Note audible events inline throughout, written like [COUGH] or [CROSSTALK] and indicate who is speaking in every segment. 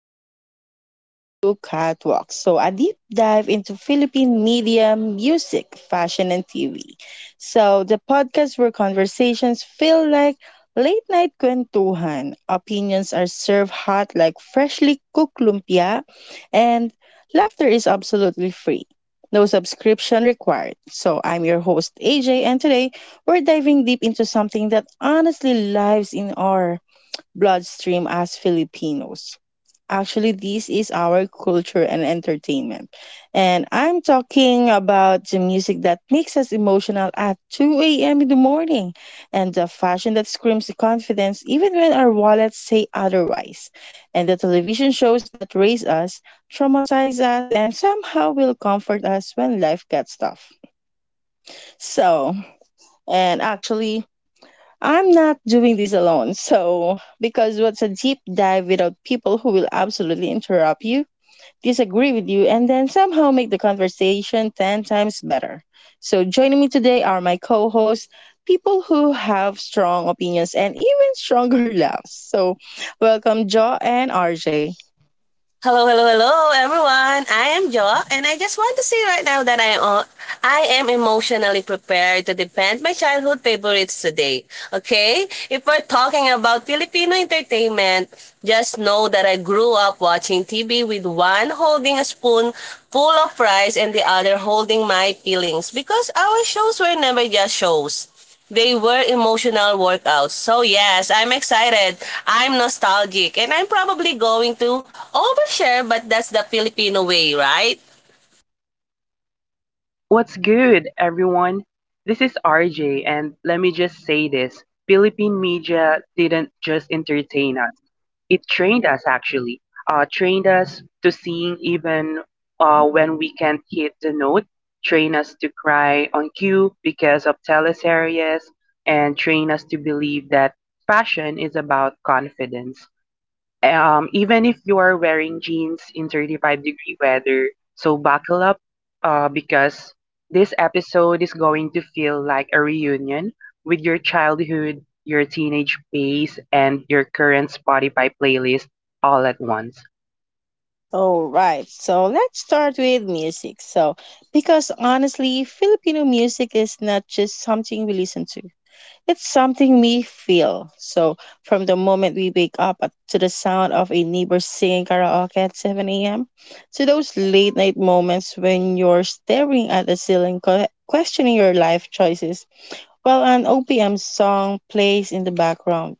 Speaker 1: From Karaoke to Catwalk. A deep dive into Philippine media, music, fashion, and TV. The podcast where conversations feel like late night kwentuhan, opinions are served hot like freshly cooked lumpia, and laughter is absolutely free. No subscription required. I'm your host, AJ, and today we're diving deep into something that honestly lives in our bloodstream as Filipinos. Actually, this is our culture and entertainment. And I'm talking about the music that makes us emotional at 2 a.m. in the morning and the fashion that screams confidence even when our wallets say otherwise, and the television shows that raise us, traumatize us, and somehow will comfort us when life gets tough. So, and actually, I'm not doing this alone. Because what's a deep dive without people who will absolutely interrupt you, disagree with you, and then somehow make the conversation 10 times better? Joining me today are my co hosts, people who have strong opinions and even stronger [LAUGHS] laughs. Welcome, Jo and RJ.
Speaker 2: Hello, hello, hello, everyone. I am Jo, and I just want to say right now that I am emotionally prepared to defend my childhood favorites today. Okay? If we're talking about Filipino entertainment, just know that I grew up watching TV with one holding a spoon full of rice and the other holding my feelings because our shows were never just shows. They were emotional workouts. So yes, I'm excited. I'm nostalgic and I'm probably going to overshare, but that's the Filipino way, right?
Speaker 3: What's good, everyone? This is RJ, and let me just say this Philippine media didn't just entertain us, it trained us actually. Trained us to sing even when we can't hit the note, train us to cry on cue because of teleseries, and train us to believe that fashion is about confidence even if you are wearing jeans in 35-degree weather. So buckle up because this episode is going to feel like a reunion with your childhood, your teenage phase, and your current Spotify playlist all at once.
Speaker 1: All right, so let's start with music. Because honestly, Filipino music is not just something we listen to. It's something we feel. So, from the moment we wake up to the sound of a neighbor singing karaoke at 7 a.m., to those late night moments when you're staring at the ceiling, questioning your life choices, while an OPM song plays in the background.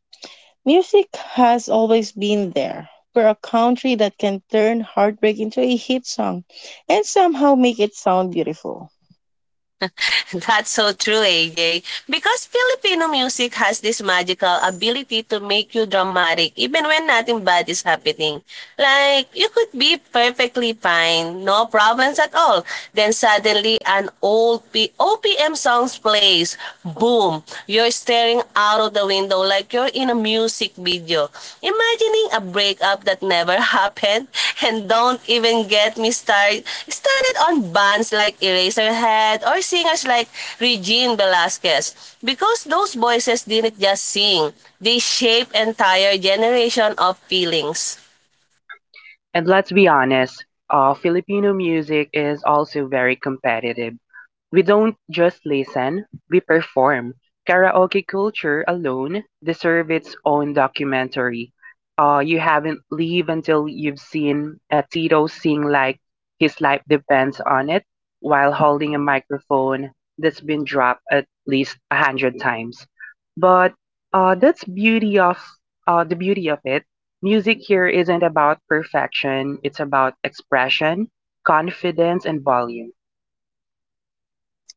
Speaker 1: Music has always been there. We're a country that can turn heartbreak into a hit song and somehow make it sound beautiful.
Speaker 2: [LAUGHS] That's so true, AJ. Because Filipino music has this magical ability to make you dramatic even when nothing bad is happening. Like you could be perfectly fine, no problems at all. Then suddenly an OPM song plays. Boom, you're staring out of the window window like you're in a music video. Imagining a breakup that never happened and don't even get me started started on bands like Eraserhead or singers like Regine Velasquez because those voices didn't just sing, they shape entire generation of feelings.
Speaker 3: And let's be honest, Filipino music is also very competitive. We don't just listen, we perform. Karaoke culture alone deserves its own documentary. You haven't lived until you've seen a Tito sing like his life depends on it while holding a microphone that's been dropped at least a hundred times. But that's beauty of the beauty of it. Music here isn't about perfection; it's about expression, confidence, and volume.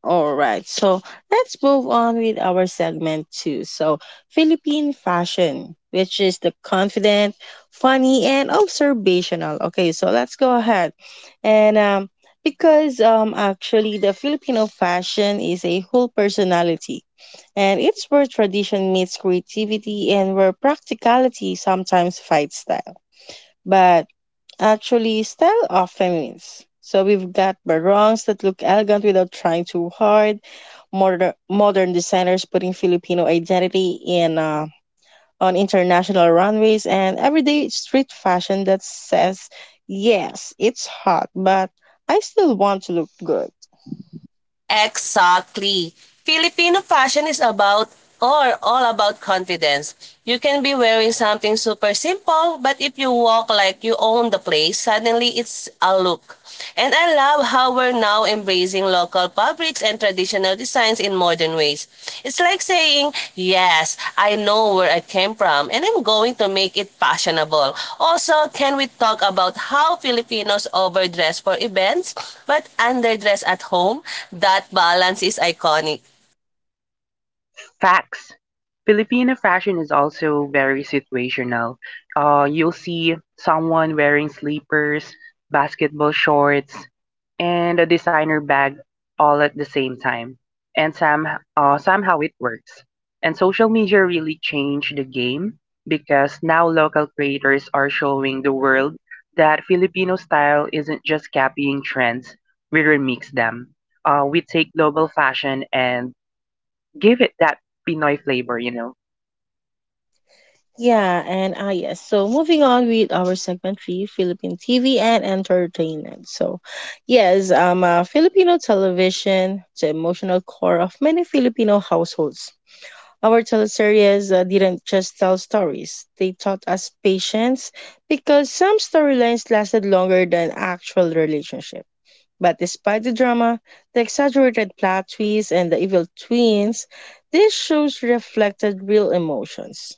Speaker 1: All right, so let's move on with our segment two. Philippine fashion, which is the confident, funny, and observational. Okay, so let's go ahead. And because Actually, the Filipino fashion is a whole personality, and it's where tradition meets creativity and where practicality sometimes fights style. But actually style of feminines. So we've got barongs that look elegant without trying too hard, modern designers putting Filipino identity in on international runways, and everyday street fashion that says, yes, it's hot, but I still want to look good.
Speaker 2: Exactly. Filipino fashion is about or all about confidence. You can be wearing something super simple, but if you walk like you own the place, suddenly it's a look. And I love how we're now embracing local fabrics and traditional traditional designs in modern ways. It's like saying, yes, I know where I came from and I'm going to make it fashionable. Also, can we talk about how Filipinos overdress for events but underdress at home? That balance is iconic.
Speaker 3: Facts. Filipino fashion is also very situational. You'll see someone wearing sleepers, basketball shorts, and a designer bag all at the same time. And some, Somehow it works. And social media really changed the game because now local creators are showing the world that Filipino style isn't just copying trends, we remix them. We take global fashion and give it that Pinoy flavor, you know.
Speaker 1: Yeah, and ah yes. So moving on with our segment three, Philippine TV and entertainment. Filipino television, the emotional core of many Filipino households. Our teleseries didn't just tell stories; they taught us patience because some storylines lasted longer than actual relationships. But despite the drama, the exaggerated plot twists, and the evil twins, these shows reflected real emotions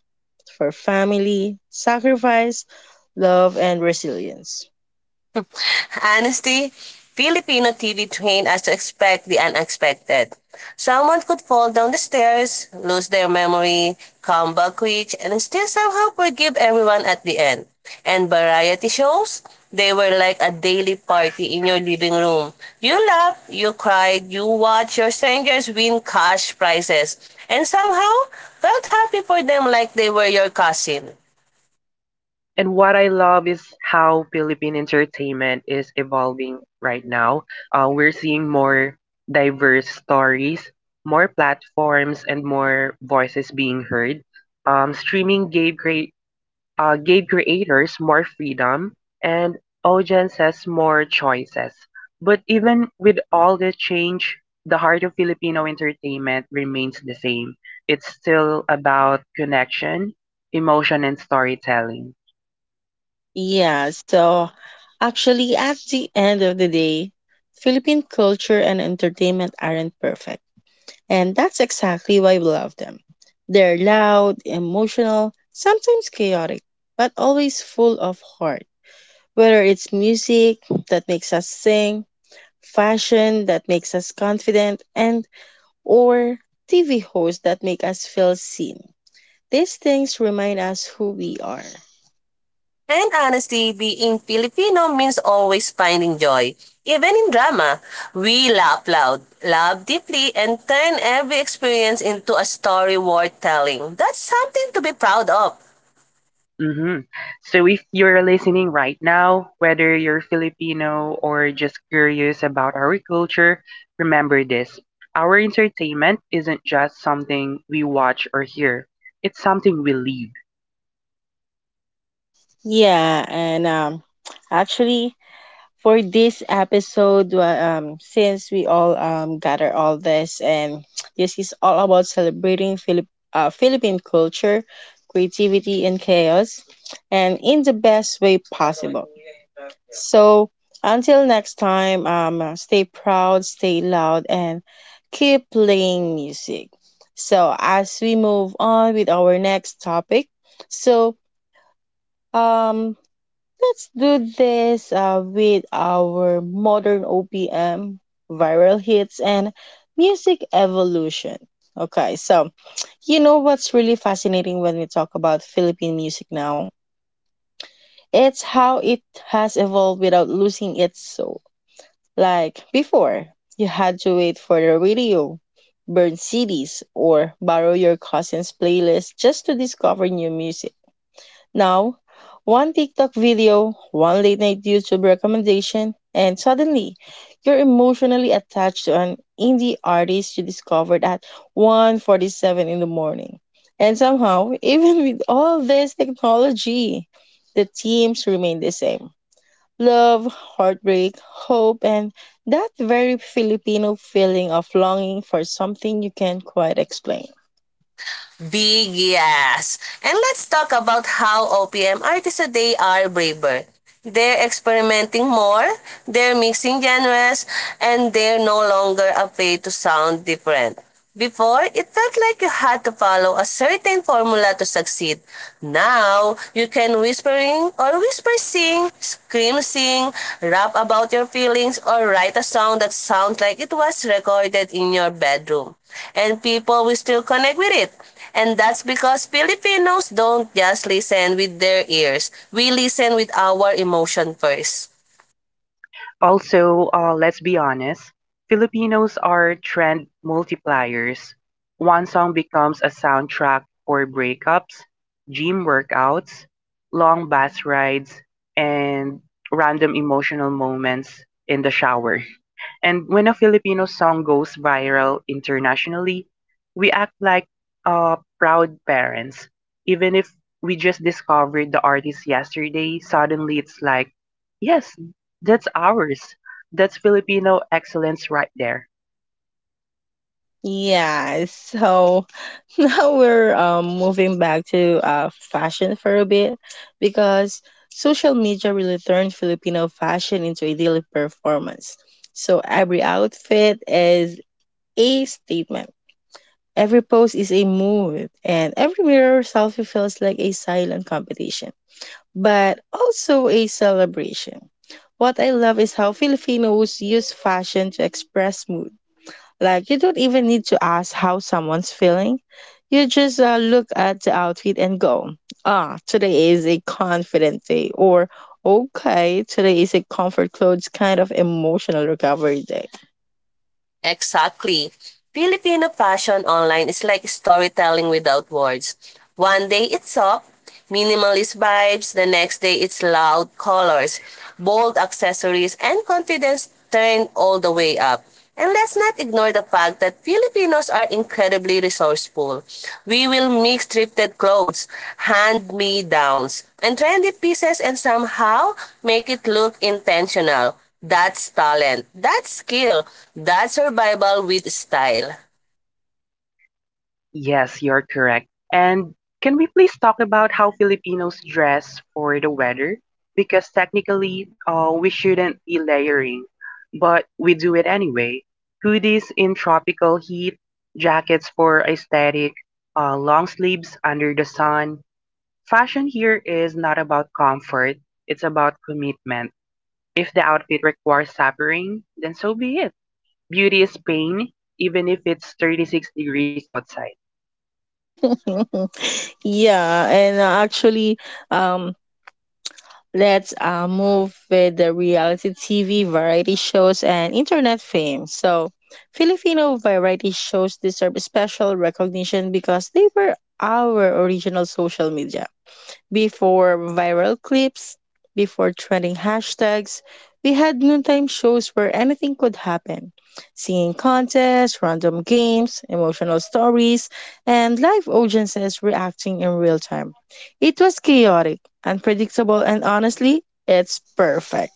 Speaker 1: for family, sacrifice, love, and resilience.
Speaker 2: Honesty, Filipino TV trained us to expect the unexpected. Someone could fall down the stairs, lose their memory, come back quick, and still somehow forgive everyone at the end. And variety shows, they were like a daily party in your living room. You laughed, you cried, you watched your strangers win cash prizes, and somehow felt happy for them like they were your cousin.
Speaker 3: And what I love is how Philippine entertainment is evolving right now. We're seeing more diverse stories, more platforms, and more voices being heard. Streaming gave crea gave creators more freedom and audiences more choices. But even with all the change, the heart of Filipino entertainment remains the same. It's still about connection, emotion, and storytelling.
Speaker 1: Yeah, so at the end of the day, Philippine culture and entertainment aren't perfect. And that's exactly why we love them. They're loud, emotional, sometimes chaotic, but always full of heart. Whether it's music that makes us sing, fashion that makes us confident, and or TV hosts that make us feel seen. These things remind us who we are.
Speaker 2: And honestly, being Filipino means always finding joy. Even in drama, we laugh loud, love deeply, and turn every experience into a story worth telling. That's something to be proud of.
Speaker 3: hmm So if you're listening right now, whether you're Filipino or just curious about our culture, remember this. Our entertainment isn't just something we watch or hear. It's something we live.
Speaker 1: Yeah, and um, actually, for this episode, since we all gather all this, and [TSK] this is all about celebrating Philippine culture, creativity, and chaos, and in the best way possible. So until next time, stay proud, stay loud, and keep playing music. So as we move on with our next topic, so um, let's do this with our modern OPM viral hits and music evolution. Okay, so you know what's really fascinating when we talk about Philippine music now? It's how it has evolved without losing its soul. Like before, you had to wait for the radio, burn CDs, or borrow your cousin's playlist just to discover new music. Now, one TikTok video, one late night YouTube recommendation, and suddenly you're emotionally attached to an indie artist you discovered at 1:47 in the morning. And somehow, [LAUGHS] even with all this technology, the themes remain the same: love, heartbreak, hope, and that very Filipino feeling of longing for something you can't quite explain.
Speaker 2: Big yes. And let's talk about how OPM artists today are braver. They're experimenting more, they're mixing genres, and they're no longer afraid to sound different. Before, it felt like you had to follow a certain formula to succeed. Now, you can whisper sing, scream sing, rap about your feelings, or write a song that sounds like it was recorded in your bedroom. And people will still connect with it. And that's because Filipinos don't just listen with their ears. We listen with our emotion first.
Speaker 3: Also, let's be honest, Filipinos are trend multipliers. One song becomes a soundtrack for breakups, gym workouts, long bus rides, and random emotional moments in the shower. And when a Filipino song goes viral internationally, we act like proud parents. Even if we just discovered the artist yesterday, suddenly it's like, yes, that's ours. That's Filipino excellence right there.
Speaker 1: Yeah, so [LAUGHS] now we're moving back to fashion for a bit because social media really turned Filipino fashion into a daily performance. So every outfit is a statement. Every post is a mood, and every mirror selfie feels like a silent competition, but also a celebration. What I love is how Filipinos use fashion to express mood. Like, you don't even need to ask how someone's feeling. You just look at the outfit and go, ah, today is a confident day. Or, okay, today is a comfort clothes kind of emotional recovery day.
Speaker 2: Exactly. Filipino fashion online is like storytelling without words. One day it's soft, minimalist vibes, the next day it's loud colors, bold accessories, and confidence turned all the way up. And let's not ignore the fact that Filipinos are incredibly resourceful. We will mix thrifted clothes, hand-me-downs, and trendy pieces and somehow make it look intentional. That's talent. That's skill. That's survival with style.
Speaker 3: Yes, you're correct. And can we please talk about how Filipinos dress for the weather? Because technically, we shouldn't be layering, but we do it anyway. Hoodies in tropical heat, jackets for aesthetic, long sleeves under the sun. Fashion here is not about comfort, it's about commitment. If the outfit requires suffering, then so be it. Beauty is pain, even if it's 36 degrees outside.
Speaker 1: [LAUGHS] yeah, and uh, actually, um, Let's move with the reality TV, variety shows, and internet fame. So, Filipino variety shows deserve special recognition because they were our original social media. Before viral clips, before trending hashtags, we had noontime shows where anything could happen: singing contests, random games, emotional stories, and live audiences reacting in real time. It was chaotic, unpredictable, and honestly, it's perfect.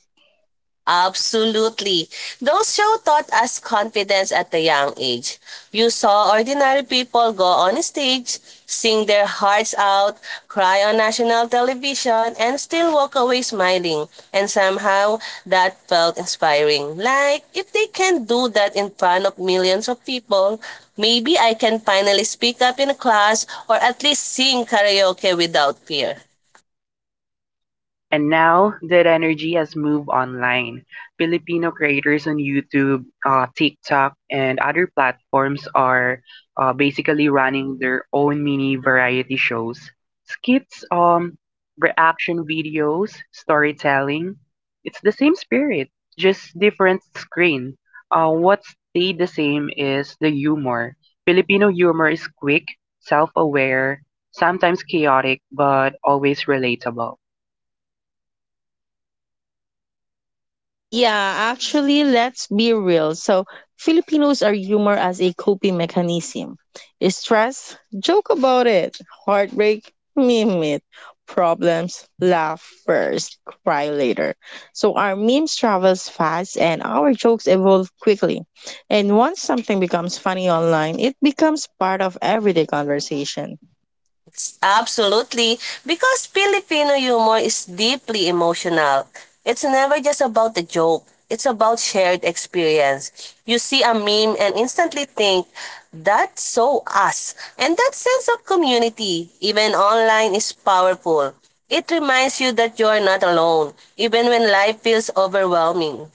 Speaker 2: Absolutely. Those shows taught us confidence at a young age. You saw ordinary people go on stage, sing their hearts out, cry on national television, and still walk away smiling. And somehow, that felt inspiring. Like, if they can do that in front of millions of people, maybe I can finally speak up in class or at least sing karaoke without fear.
Speaker 3: And now that energy has moved online, Filipino creators on YouTube, TikTok, and other platforms are basically running their own mini variety shows, skits, reaction videos, storytelling. It's the same spirit, just different screen. What stayed the same is the humor. Filipino humor is quick, self-aware, sometimes chaotic, but always relatable.
Speaker 1: Yeah, actually, let's be real. So, Filipinos are humor as a coping mechanism. Stress, joke about it. Heartbreak, meme it. Problems, laugh first, cry later. So, our memes travels fast and our jokes evolve quickly. And once something becomes funny online, it becomes part of everyday conversation.
Speaker 2: Absolutely, because Filipino humor is deeply emotional. It's never just about the joke. It's about shared experience. You see a meme and instantly think, that's so us. And that sense of community, even online, is powerful. It reminds you that you are not alone, even when life feels overwhelming.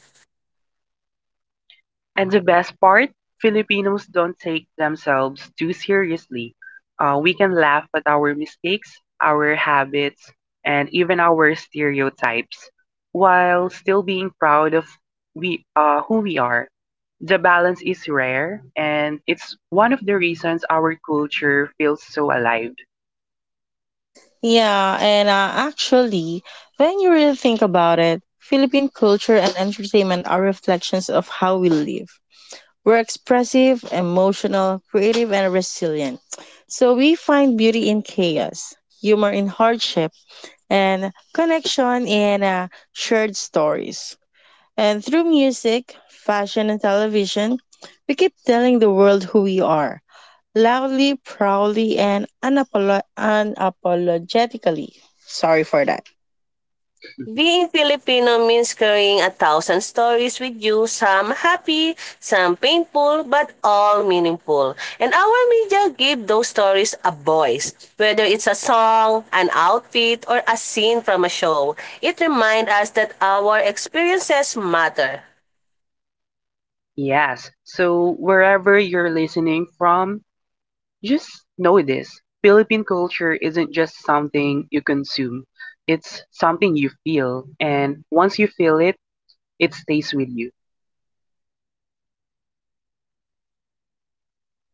Speaker 3: And the best part, Filipinos don't take themselves too seriously. We can laugh at our mistakes, our habits, and even our stereotypes, while still being proud of we who we are. The balance is rare, and it's one of the reasons our culture feels so alive.
Speaker 1: Yeah, and uh, actually, when you really think about it, Philippine culture and entertainment are reflections of how we live. We're expressive, emotional, creative, and resilient. So we find beauty in chaos, humor in hardship, and connection in shared stories. And through music, fashion, and television, we keep telling the world who we are, loudly, proudly, and unapologetically. Sorry for that.
Speaker 2: Being Filipino means carrying a thousand stories with you, some happy, some painful, but all meaningful. And our media give those stories a voice. Whether it's a song, an outfit, or a scene from a show, it reminds us that our experiences matter.
Speaker 3: Yes. So wherever you're listening from, just know this, Philippine culture isn't just something you consume. It's something you feel, and once you feel it, it stays with you.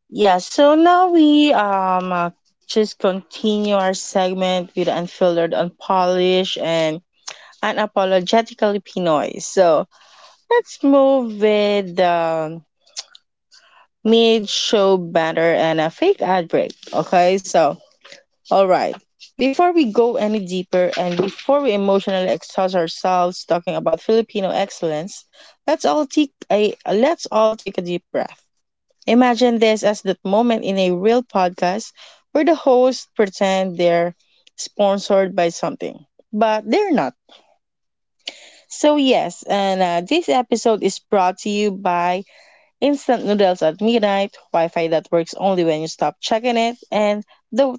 Speaker 1: Yeah, so now we Just continue our segment with unfiltered, unpolished, and unapologetically Pinoy. So let's move with mid show banner and a fake ad break. Okay, so all right. Before we go any deeper and before we emotionally exhaust ourselves talking about Filipino excellence, let's all take a deep breath. Imagine this as that moment in a real podcast where the hosts pretend they're sponsored by something, but they're not. So, yes, and This episode is brought to you by Instant Noodles at Midnight, Wi Fi that works only when you stop checking it, and the,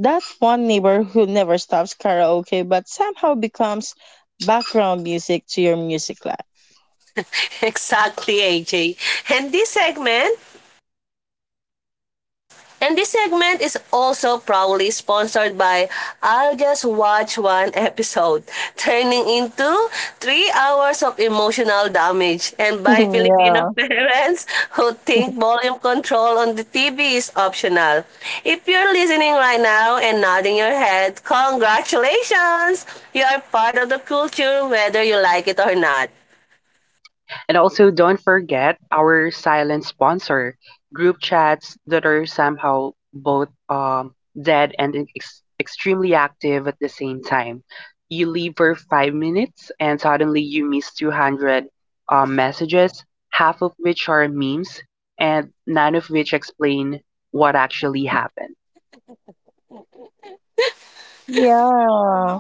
Speaker 1: that one neighbor who never stops karaoke but somehow becomes background music to your music life.
Speaker 2: [LAUGHS] Exactly, AJ. And this segment, And this segment is also proudly sponsored by I'll Just Watch One [LAUGHS] Episode, turning into three hours of emotional damage, and by
Speaker 1: Uh,
Speaker 2: Filipino [LAUGHS] parents who think volume control on the TV is optional. If you're listening right now and nodding your head, congratulations! You are part of the culture whether you like it or not.
Speaker 3: And also, don't forget our silent sponsor group chats that are somehow both dead and extremely active at the same time. You leave for 5 minutes and suddenly you miss 200 messages, half of which are memes, and none of which explain what actually happened.
Speaker 1: yeah.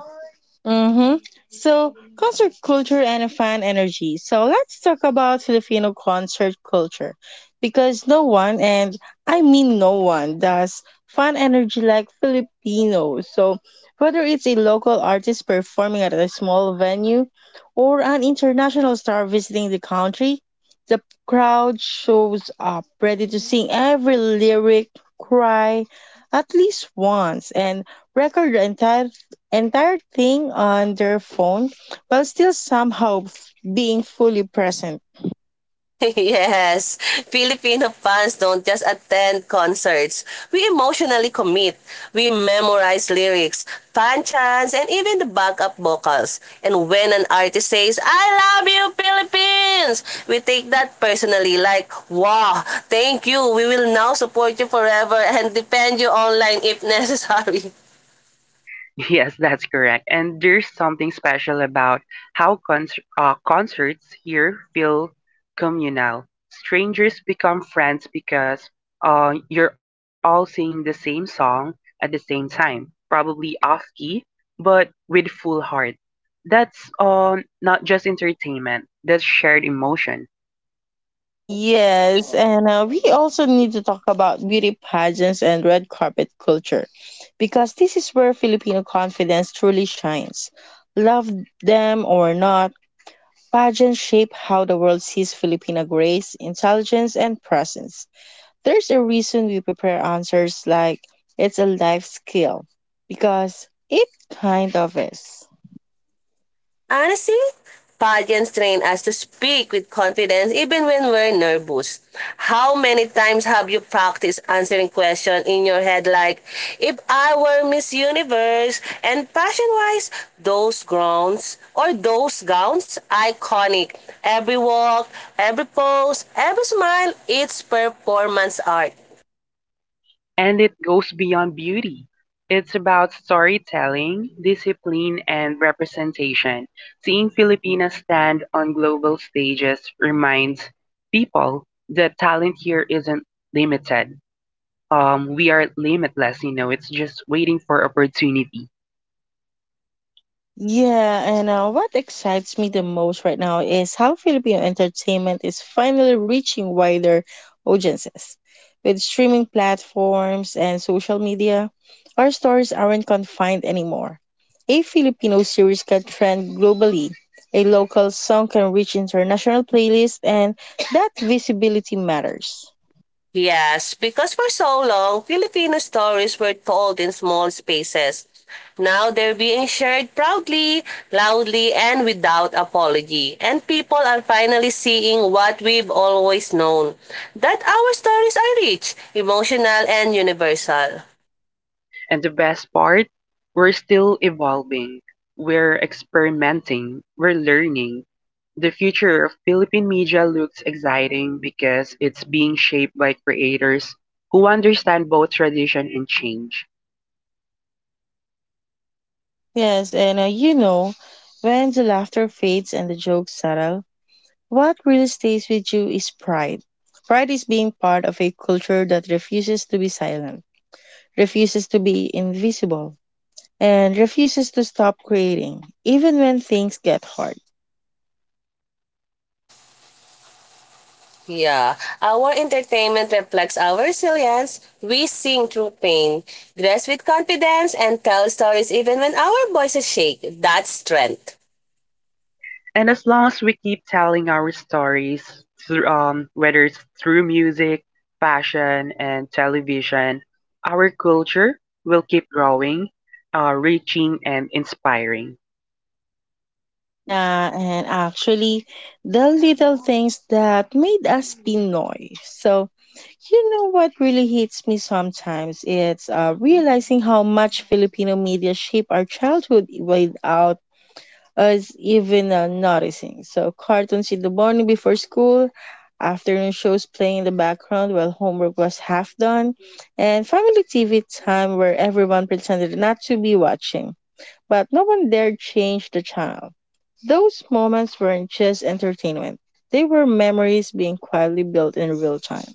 Speaker 1: Mm-hmm. So, concert culture and fan energy. So, let's talk about Filipino concert culture because no one, and I mean no one, does fan energy like Filipinos. So, whether it's a local artist performing at a small venue or an international star visiting the country, the crowd shows up ready to sing every lyric, cry at least once, and record the entire thing on their phone while still somehow being fully present.
Speaker 2: [LAUGHS] Yes, Filipino fans don't just attend concerts. We emotionally commit. We memorize lyrics, fan chants, and even the backup vocals. And when an artist says, I love you, Philippines, we take that personally like, wow, thank you. We will now support you forever and defend you online if [LAUGHS] necessary.
Speaker 3: Yes, that's correct. And there's something special about how concerts here feel communal. Strangers become friends because you're all singing the same song at the same time, probably off key, but with full heart. That's not just entertainment, that's shared emotion.
Speaker 1: Yes, and We also need to talk about beauty pageants and red carpet culture because this is where Filipino confidence truly shines. Love them or not, pageants shape how the world sees Filipino grace, intelligence, and presence. There's a reason we prepare answers like it's a life skill because it kind of is.
Speaker 2: Honestly, pageants train us to speak with confidence even when we're nervous. How many times have you practiced answering questions in your head like, if I were Miss Universe? And fashion-wise, those gowns, iconic. Every walk, every pose, every smile, it's performance art.
Speaker 3: And it goes beyond beauty. It's about storytelling, discipline, and representation. Seeing Filipinas stand on global stages reminds people that talent here isn't limited. We are limitless, you know, it's just waiting for opportunity.
Speaker 1: Yeah, and What excites me the most right now is how Filipino entertainment is finally reaching wider audiences. With streaming platforms and social media, our stories aren't confined anymore. A Filipino series can trend globally, a local song can reach international playlists, and that visibility matters.
Speaker 2: Yes, because for so long, Filipino stories were told in small spaces. Now they're being shared proudly, loudly, and without apology. And people are finally seeing what we've always known that our stories are rich, emotional, and universal.
Speaker 3: And the best part, we're still evolving, we're experimenting, we're learning. The future of Philippine media looks exciting because it's being shaped by creators who understand both tradition and change.
Speaker 1: Yes, and You know, when the laughter fades and the jokes settle, what really stays with you is pride. Pride is being part of a culture that refuses to be silent, refuses to be invisible, and refuses to stop creating, even when things get hard.
Speaker 2: Yeah, our entertainment reflects our resilience. We sing through pain, dress with confidence, and tell stories even when our voices shake. That's strength.
Speaker 3: And as long as we keep telling our stories, whether it's through music, fashion, and television, our culture will keep growing, reaching, and inspiring.
Speaker 1: Yeah, and actually, the little things that made us Pinoy. So, you know what really hits me sometimes? It's Realizing how much Filipino media shape our childhood without us even noticing. So, cartoons in the morning before school, afternoon shows playing in the background while homework was half done, and family TV time where everyone pretended not to be watching, but no one dared change the channel. Those moments weren't just entertainment, they were memories being quietly built in real time.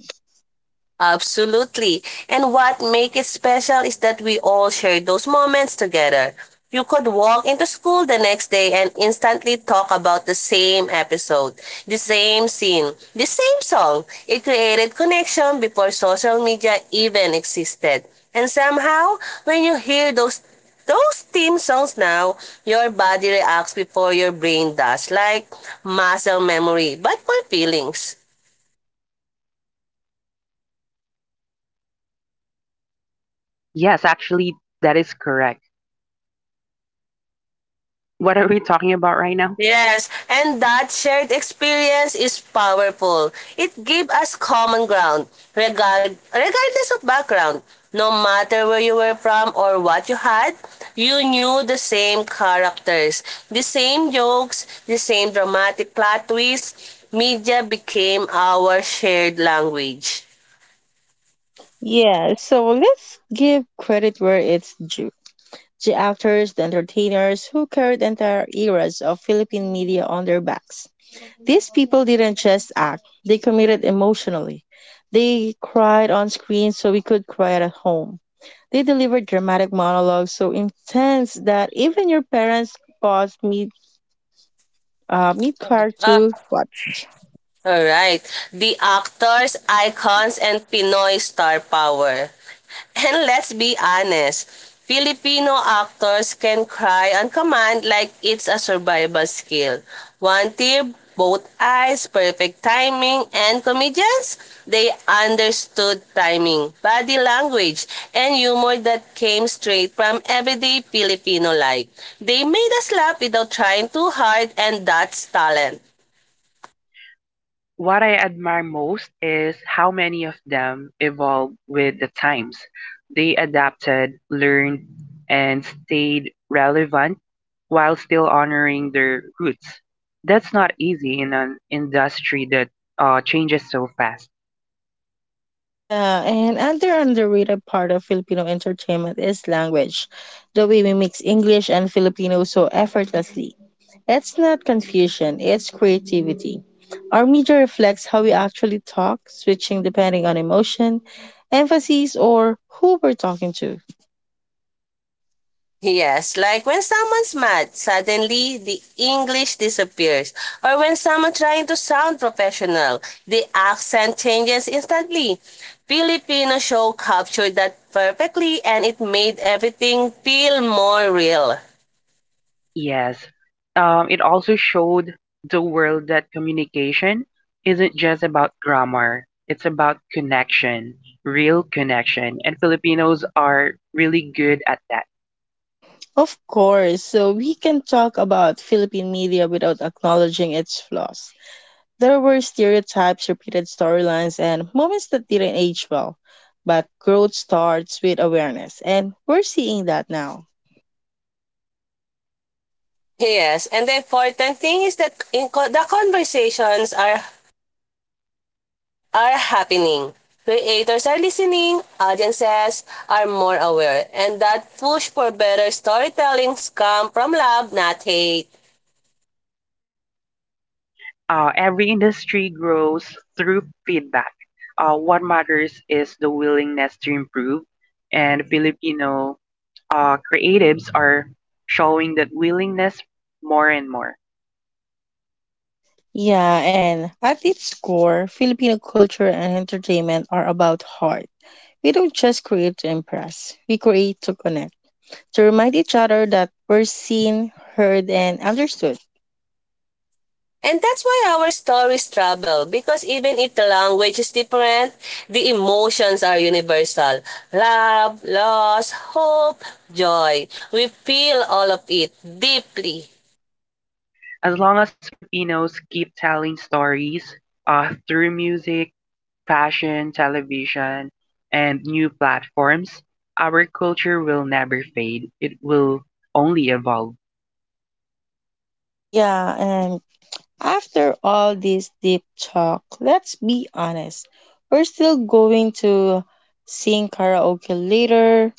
Speaker 2: Absolutely. And what make it special is that we all share those moments together. You could walk into school the next day and instantly talk about the same episode, the same scene, the same song. It created connection before social media even existed. And somehow, when you hear those theme songs now, your body reacts before your brain does, like muscle memory, but for feelings.
Speaker 3: Yes, actually, that is correct. What are we talking about right now?
Speaker 2: Yes, and that shared experience is powerful. It gave us common ground, regardless of background. No matter where you were from or what you had, you knew the same characters, the same jokes, the same dramatic plot twists. Media became our shared language.
Speaker 1: Yeah, so let's give credit where it's due. The actors, the entertainers who carried entire eras of Philippine media on their backs. These people didn't just act, they committed emotionally. They cried on screen so we could cry at home. They delivered dramatic monologues so intense that even your parents paused mid car
Speaker 2: Uh,
Speaker 1: to watch.
Speaker 2: all right. The actors, icons, and Pinoy star power. And let's be honest, Filipino actors can cry on command like it's a survival skill. One tear, both eyes, perfect timing, and comedians, they understood timing, body language, and humor that came straight from everyday Filipino life. They made us laugh without trying too hard, and that's talent.
Speaker 3: What I admire most is how many of them evolved with the times. They adapted, learned, and stayed relevant while still honoring their roots. That's not easy in an industry that changes so fast.
Speaker 1: Yeah, and another underrated part of Filipino entertainment is language, the way we mix English and Filipino so effortlessly. It's not confusion, it's creativity. Our media reflects how we actually talk, switching depending on emotion, emphasis, or who we're talking to.
Speaker 2: Yes, like when someone's mad, suddenly the English disappears. Or when someone trying to sound professional, the accent changes instantly. Filipino show captured that perfectly and it made everything feel more real.
Speaker 3: Yes. It also showed the world that communication isn't just about grammar, it's about connection, real connection. And Filipinos are really good at that.
Speaker 1: Of course, so we can talk about Philippine media without acknowledging its flaws. There were stereotypes, repeated storylines, and moments that didn't age well. But growth starts with awareness, and we're seeing that now.
Speaker 2: Yes, and the important thing is that the conversations are happening. Creators are listening, audiences are more aware, and that push for better storytelling comes from love, not hate.
Speaker 3: Every industry grows through feedback. What matters is the willingness to improve. And Filipino creatives are showing that willingness more and more.
Speaker 1: Yeah, and at its core, Filipino culture and entertainment are about heart. We don't just create to impress, we create to connect, to remind each other that we're seen, heard, and understood.
Speaker 2: And that's why our stories travel because even if the language is different, the emotions are universal. Love, loss, hope, joy. We feel all of it deeply.
Speaker 3: As long as Filipinos keep telling stories through music, fashion, television, and new platforms, our culture will never fade. It will only evolve.
Speaker 1: Yeah, and after all this deep talk, let's be honest. We're still going to sing karaoke later,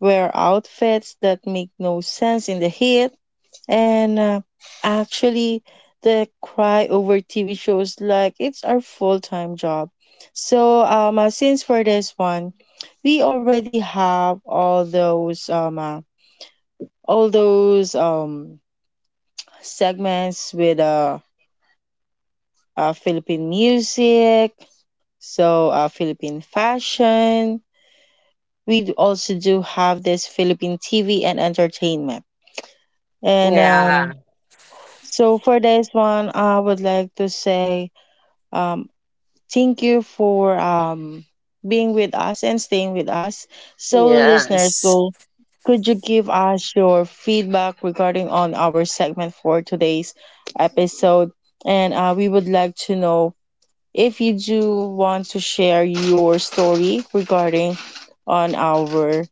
Speaker 1: wear outfits that make no sense in the heat, and actually, the cry over TV shows like it's our full time job. Since for this one, we already have all those all those segments with Philippine music, Philippine fashion. We also do have this Philippine TV and entertainment. And
Speaker 2: Yeah.
Speaker 1: so for this one, I would like to say um, thank you for being with us and staying with us. So, listeners,
Speaker 2: Yes.
Speaker 1: go. Could you give us your feedback regarding on our segment for today's episode? And We would like to know if you do want to share your story regarding on our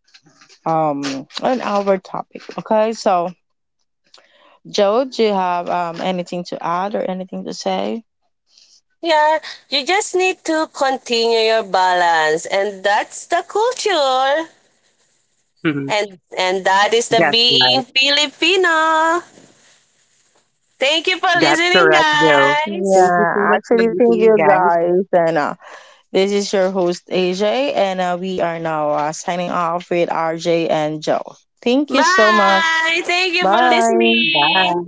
Speaker 1: um on our topic. Okay, so Joe, do you have anything to add or anything to say?
Speaker 2: Yeah, you just need to continue your balance and that's the culture.
Speaker 3: [LAUGHS] That's
Speaker 2: And that is the
Speaker 3: right.
Speaker 2: being Filipino. Thank you for
Speaker 3: That's
Speaker 2: listening,
Speaker 3: correct, Bill. Thank
Speaker 2: guys.
Speaker 3: you so much for
Speaker 1: Thank
Speaker 3: listening,
Speaker 1: you
Speaker 3: guys.
Speaker 1: guys, and this is your host, AJ, and we are now signing off with RJ and Joe. Thank you so much.
Speaker 2: Bye. Thank you for
Speaker 1: Bye.
Speaker 3: Bye.
Speaker 2: listening.